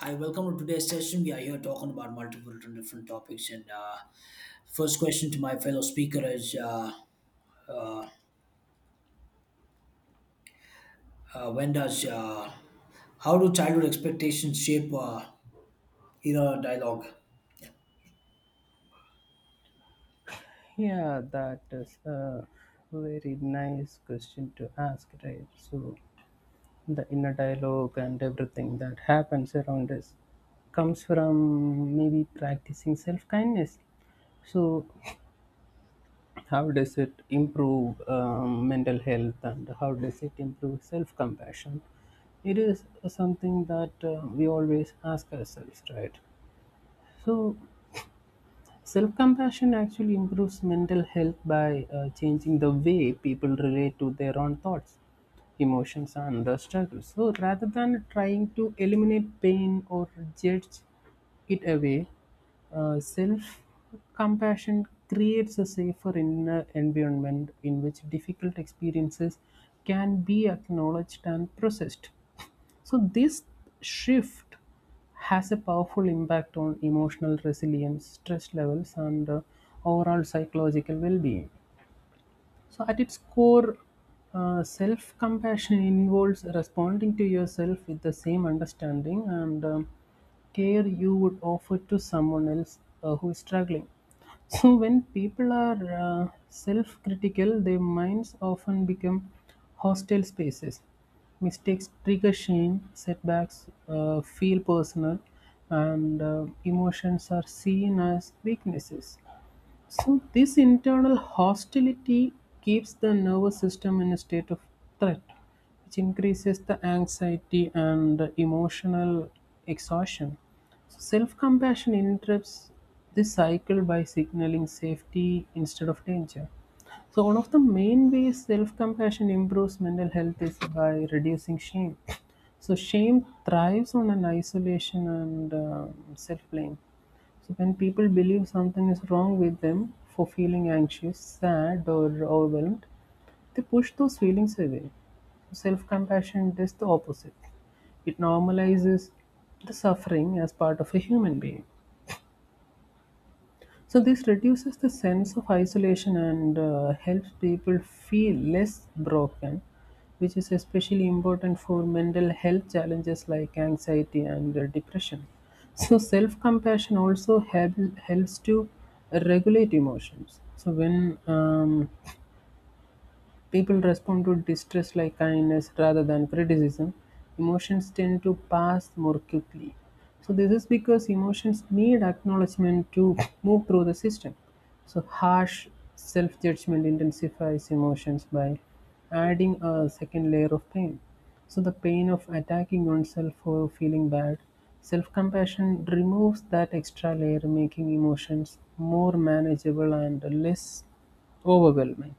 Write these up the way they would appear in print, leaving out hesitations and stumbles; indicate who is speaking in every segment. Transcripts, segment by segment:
Speaker 1: Hi, welcome to today's session. We are here talking about multiple different topics. And First question to my fellow speaker is: when does how do childhood expectations shape era dialogue?
Speaker 2: Yeah, that is a very nice question to ask, right? So, the inner dialogue and everything that happens around us comes from maybe practicing self kindness. So, how does it improve mental health and how does it improve self compassion? It is something that we always ask ourselves, right? So, self compassion actually improves mental health by changing the way people relate to their own thoughts, emotions, and the struggles. So rather than trying to eliminate pain or judge it away, self compassion creates a safer inner environment in which difficult experiences can be acknowledged and processed. So this shift has a powerful impact on emotional resilience, stress levels, and overall psychological well being. So, at its core, self compassion involves responding to yourself with the same understanding and care you would offer to someone else who is struggling. So, when people are self critical, their minds often become hostile spaces. Mistakes trigger shame, setbacks feel personal, and emotions are seen as weaknesses. So, this internal hostility keeps the nervous system in a state of threat, which increases the anxiety and emotional exhaustion. So, self compassion interrupts this cycle by signaling safety instead of danger. So, one of the main ways self compassion improves mental health is by reducing shame. So, shame thrives on an isolation and self blame, so when people believe something is wrong with them for feeling anxious, sad, or overwhelmed, they push those feelings away. Self compassion does the opposite, it normalizes the suffering as part of a human being. So this reduces the sense of isolation and helps people feel less broken, which is especially important for mental health challenges like anxiety and depression. So self compassion also helps to regulate emotions. So when people respond to distress like kindness rather than criticism. Emotions tend to pass more quickly. So, this is because emotions need acknowledgement to move through the system. So, harsh self judgment intensifies emotions by adding a second layer of pain. So, the pain of attacking oneself for feeling bad, self compassion removes that extra layer, making emotions more manageable and less overwhelming.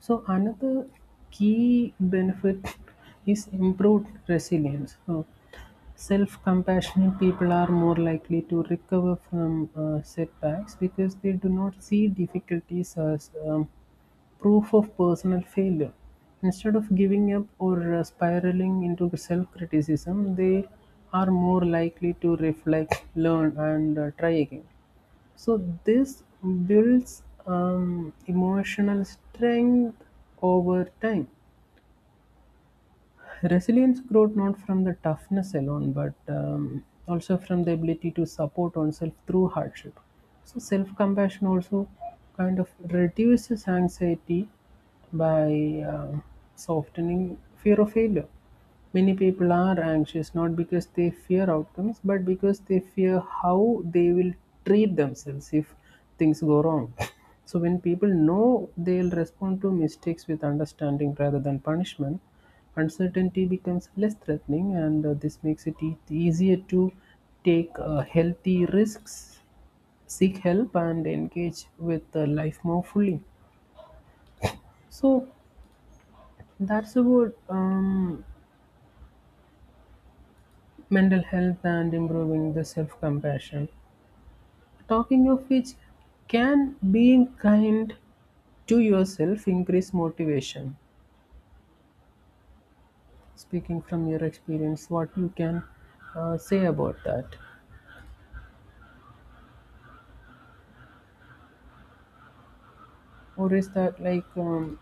Speaker 2: So another key benefit is improved resilience. So self-compassionate people are more likely to recover from setbacks because they do not see difficulties as proof of personal failure. Instead of giving up or spiraling into self-criticism, they are more likely to reflect, learn, and try again. So this builds emotional strength over time. Resilience growth not from the toughness alone, but also from the ability to support oneself through hardship. So self compassion also kind of reduces anxiety by softening fear of failure. Many people are anxious not because they fear outcomes, but because they fear how they will treat themselves if things go wrong. So, when people know they'll respond to mistakes with understanding rather than punishment, uncertainty becomes less threatening, and this makes it easier to take healthy risks, seek help, and engage with life more fully. So that's about mental health and improving the self compassion. Talking of which, can being kind to yourself increase motivation? Speaking from your experience, what you can say about that, or is that like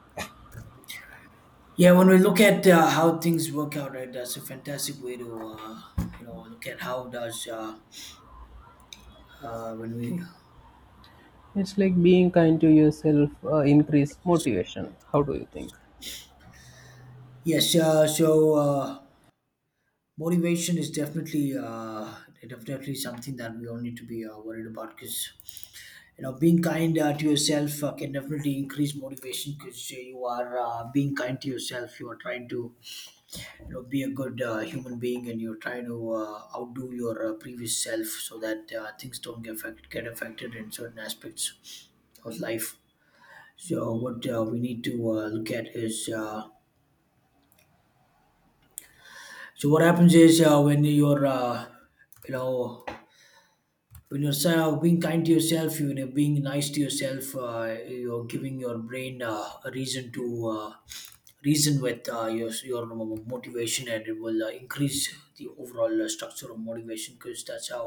Speaker 1: Yeah, when we look at how things work out, right, that's a fantastic way to look at how does when we
Speaker 2: it's like being kind to yourself increase motivation? How do you think?
Speaker 1: yes, motivation is definitely something that we all need to be worried about because you know being kind to yourself can definitely increase motivation because you are being kind to yourself, you are trying to you know be a good human being, and you're trying to outdo your previous self so that things don't get affected in certain aspects of life. So what we need to look at is so what happens is when you're you know when you're se- being kind to yourself, you know, being nice to yourself. You're giving your brain a reason to reason with your motivation, and it will increase the overall structure of motivation, because that's how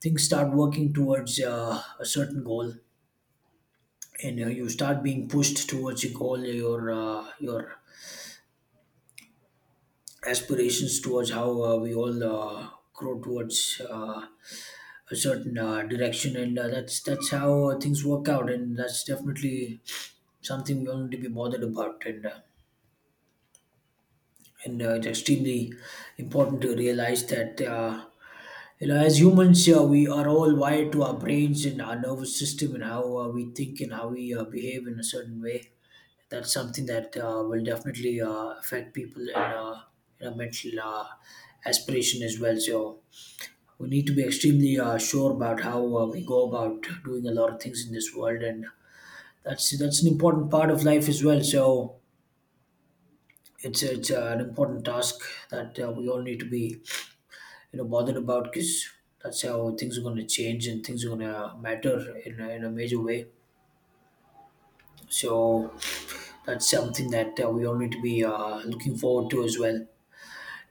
Speaker 1: things start working towards a certain goal. And you start being pushed towards your goal, your aspirations towards how we all grow towards a certain direction. And that's how things work out, and that's definitely something we all need to be bothered about. And It's extremely important to realize that you know, as humans, we are all wired to our brains and our nervous system and how we think and how we behave in a certain way. That's something that will definitely affect people in a mental aspiration as well. So we need to be extremely sure about how we go about doing a lot of things in this world, and that's an important part of life as well. So it's an important task that we all need to be you know bothered about, because that's how things are going to change and things are going to matter in a major way. So that's something that we all need to be looking forward to as well.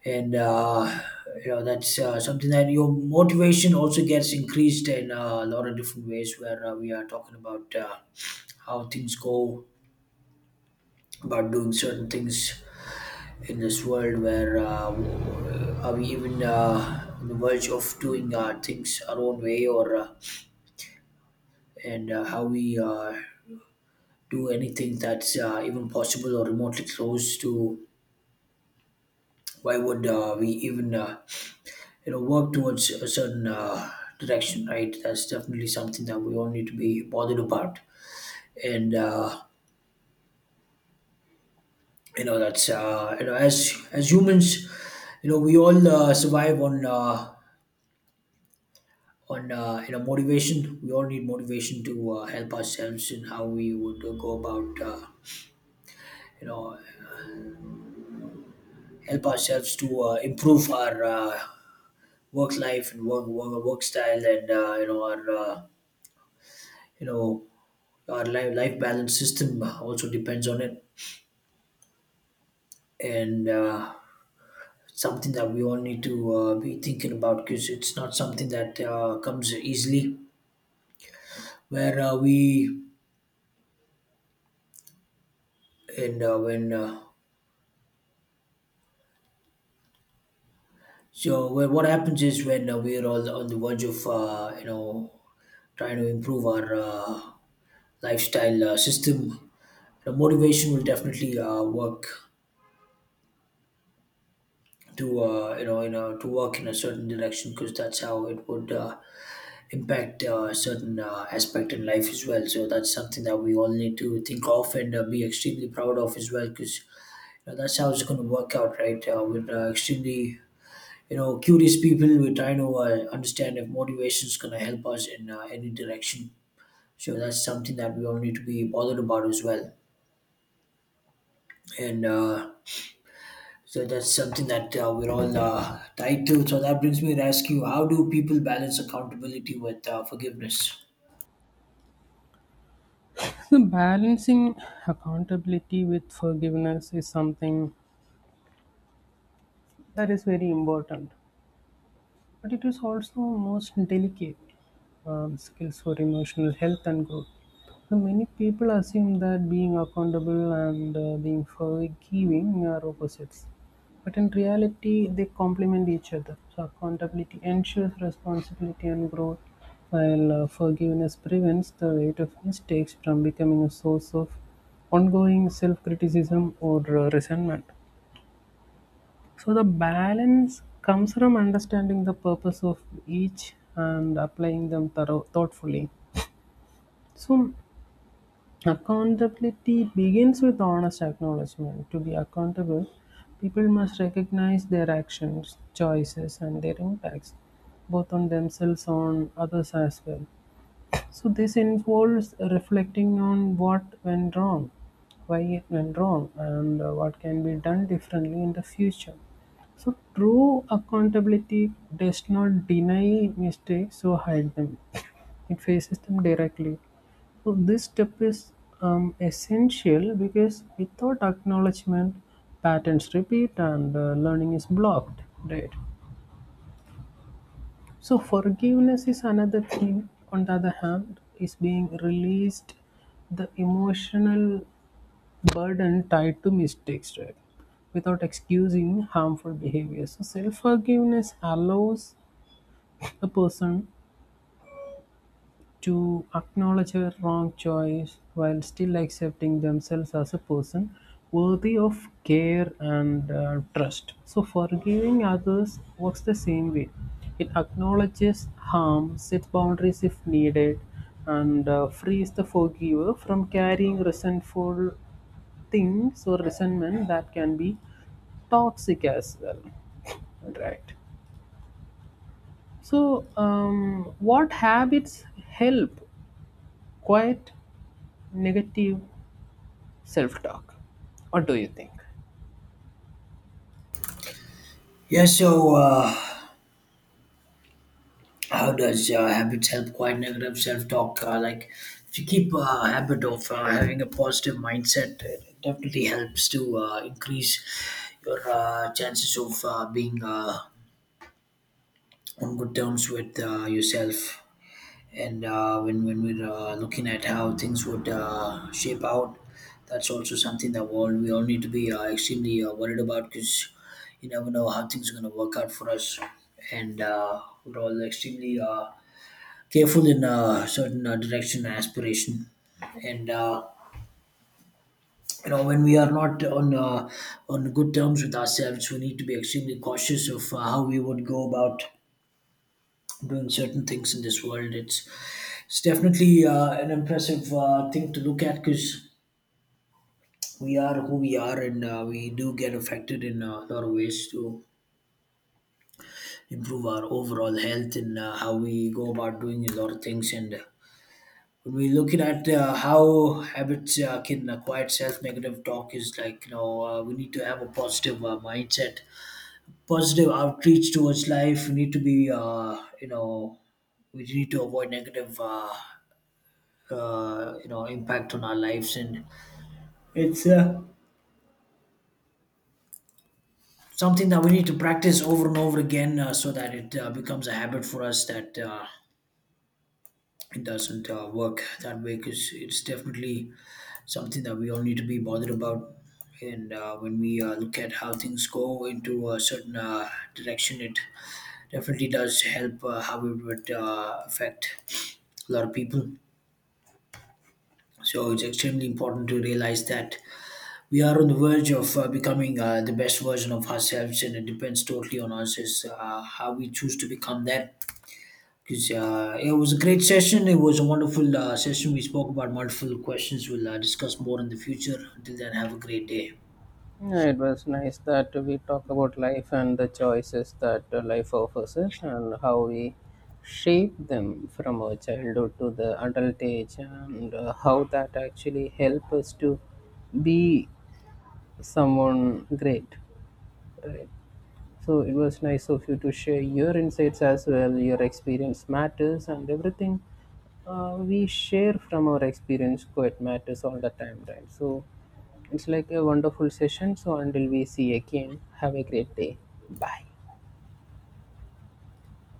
Speaker 1: And You know, that's something that your motivation also gets increased in a lot of different ways, where we are talking about how things go about doing certain things in this world, where are we even on the verge of doing things our own way, or and how we do anything that's even possible or remotely close to why would we even you know work towards a certain direction, right? That's definitely something that we all need to be bothered about. And You know, that's you know, as humans, you know, we all survive on you know motivation. We all need motivation to help ourselves in how we would go about you know help ourselves to improve our work life and work style, and you know our life balance system also depends on it. And Something that we all need to be thinking about, because it's not something that comes easily, where we and when so where what happens is, when we're all on the verge of you know trying to improve our lifestyle system, the motivation will definitely work to to work in a certain direction, because that's how it would impact a certain aspect in life as well. So that's something that we all need to think of and be extremely proud of as well, because you know, that's how it's going to work out, right? We're extremely you know curious people. We're trying to understand if motivation is going to help us in any direction. So that's something that we all need to be bothered about as well. And So that's something that we're all tied to. So that brings me to ask you, how do people balance accountability with forgiveness?
Speaker 2: So balancing accountability with forgiveness is something that is very important but it is also most delicate skills for emotional health and growth. So many people assume that being accountable and being forgiving are opposites, but in reality, they complement each other. So accountability ensures responsibility and growth, while forgiveness prevents the weight of mistakes from becoming a source of ongoing self criticism or resentment. So the balance comes from understanding the purpose of each and applying them thoughtfully. So accountability begins with honest acknowledgement. To be accountable, people must recognize their actions, choices, and their impacts, both on themselves and others as well. So this involves reflecting on what went wrong, why it went wrong, and what can be done differently in the future. So true accountability does not deny mistakes or hide them. It faces them directly. So this step is essential because without acknowledgement, patterns repeat and learning is blocked. Right. So forgiveness is another thing. On the other hand, is being released the emotional burden tied to mistakes, right? Without excusing harmful behavior. So self forgiveness allows a person to acknowledge her wrong choice while still accepting themselves as a person worthy of care and trust. So, forgiving others works the same way. It acknowledges harm, sets boundaries if needed, and frees the forgiver from carrying resentful things or resentment that can be toxic as well, right? So what habits help quiet negative self talk? What do you think?
Speaker 1: Yeah, so how does habits help quiet negative self-talk? Like, if you keep habit of having a positive mindset, it definitely helps to increase your chances of being on good terms with yourself. And when we're looking at how things would shape out, that's also something that we all need to be extremely worried about, because you never know how things are going to work out for us, and we're all extremely careful in a certain direction and aspiration, and you know, when we are not on on good terms with ourselves, we need to be extremely cautious of how we would go about doing certain things in this world. It's definitely an impressive thing to look at, because we are who we are, and we do get affected in a lot of ways to improve our overall health and how we go about doing a lot of things. And When we looking at how habits can acquire self-negative talk, is like, you know, we need to have a positive mindset, positive outreach towards life. We need to be you know, we need to avoid negative you know impact on our lives, and it's something that we need to practice over and over again, so that it becomes a habit for us, that it doesn't work that way, because it's definitely something that we all need to be bothered about. And When we look at how things go into a certain direction, it definitely does help how it would affect a lot of people. So it's extremely important to realize that we are on the verge of becoming the best version of ourselves, and it depends totally on us is how we choose to become that. Because it was a great session, it was a wonderful session, we spoke about multiple questions. We'll discuss more in the future. Until then, have a great day.
Speaker 2: Yeah, it was nice that we talk about life and the choices that life offers us and how we shape them from our childhood to the adult age and how that actually help us to be someone great. So it was nice of you to share your insights as well. Your experience matters, and everything we share from our experience quite matters all the time, right? So it's like a wonderful session. So until we see again, have a great day. Bye.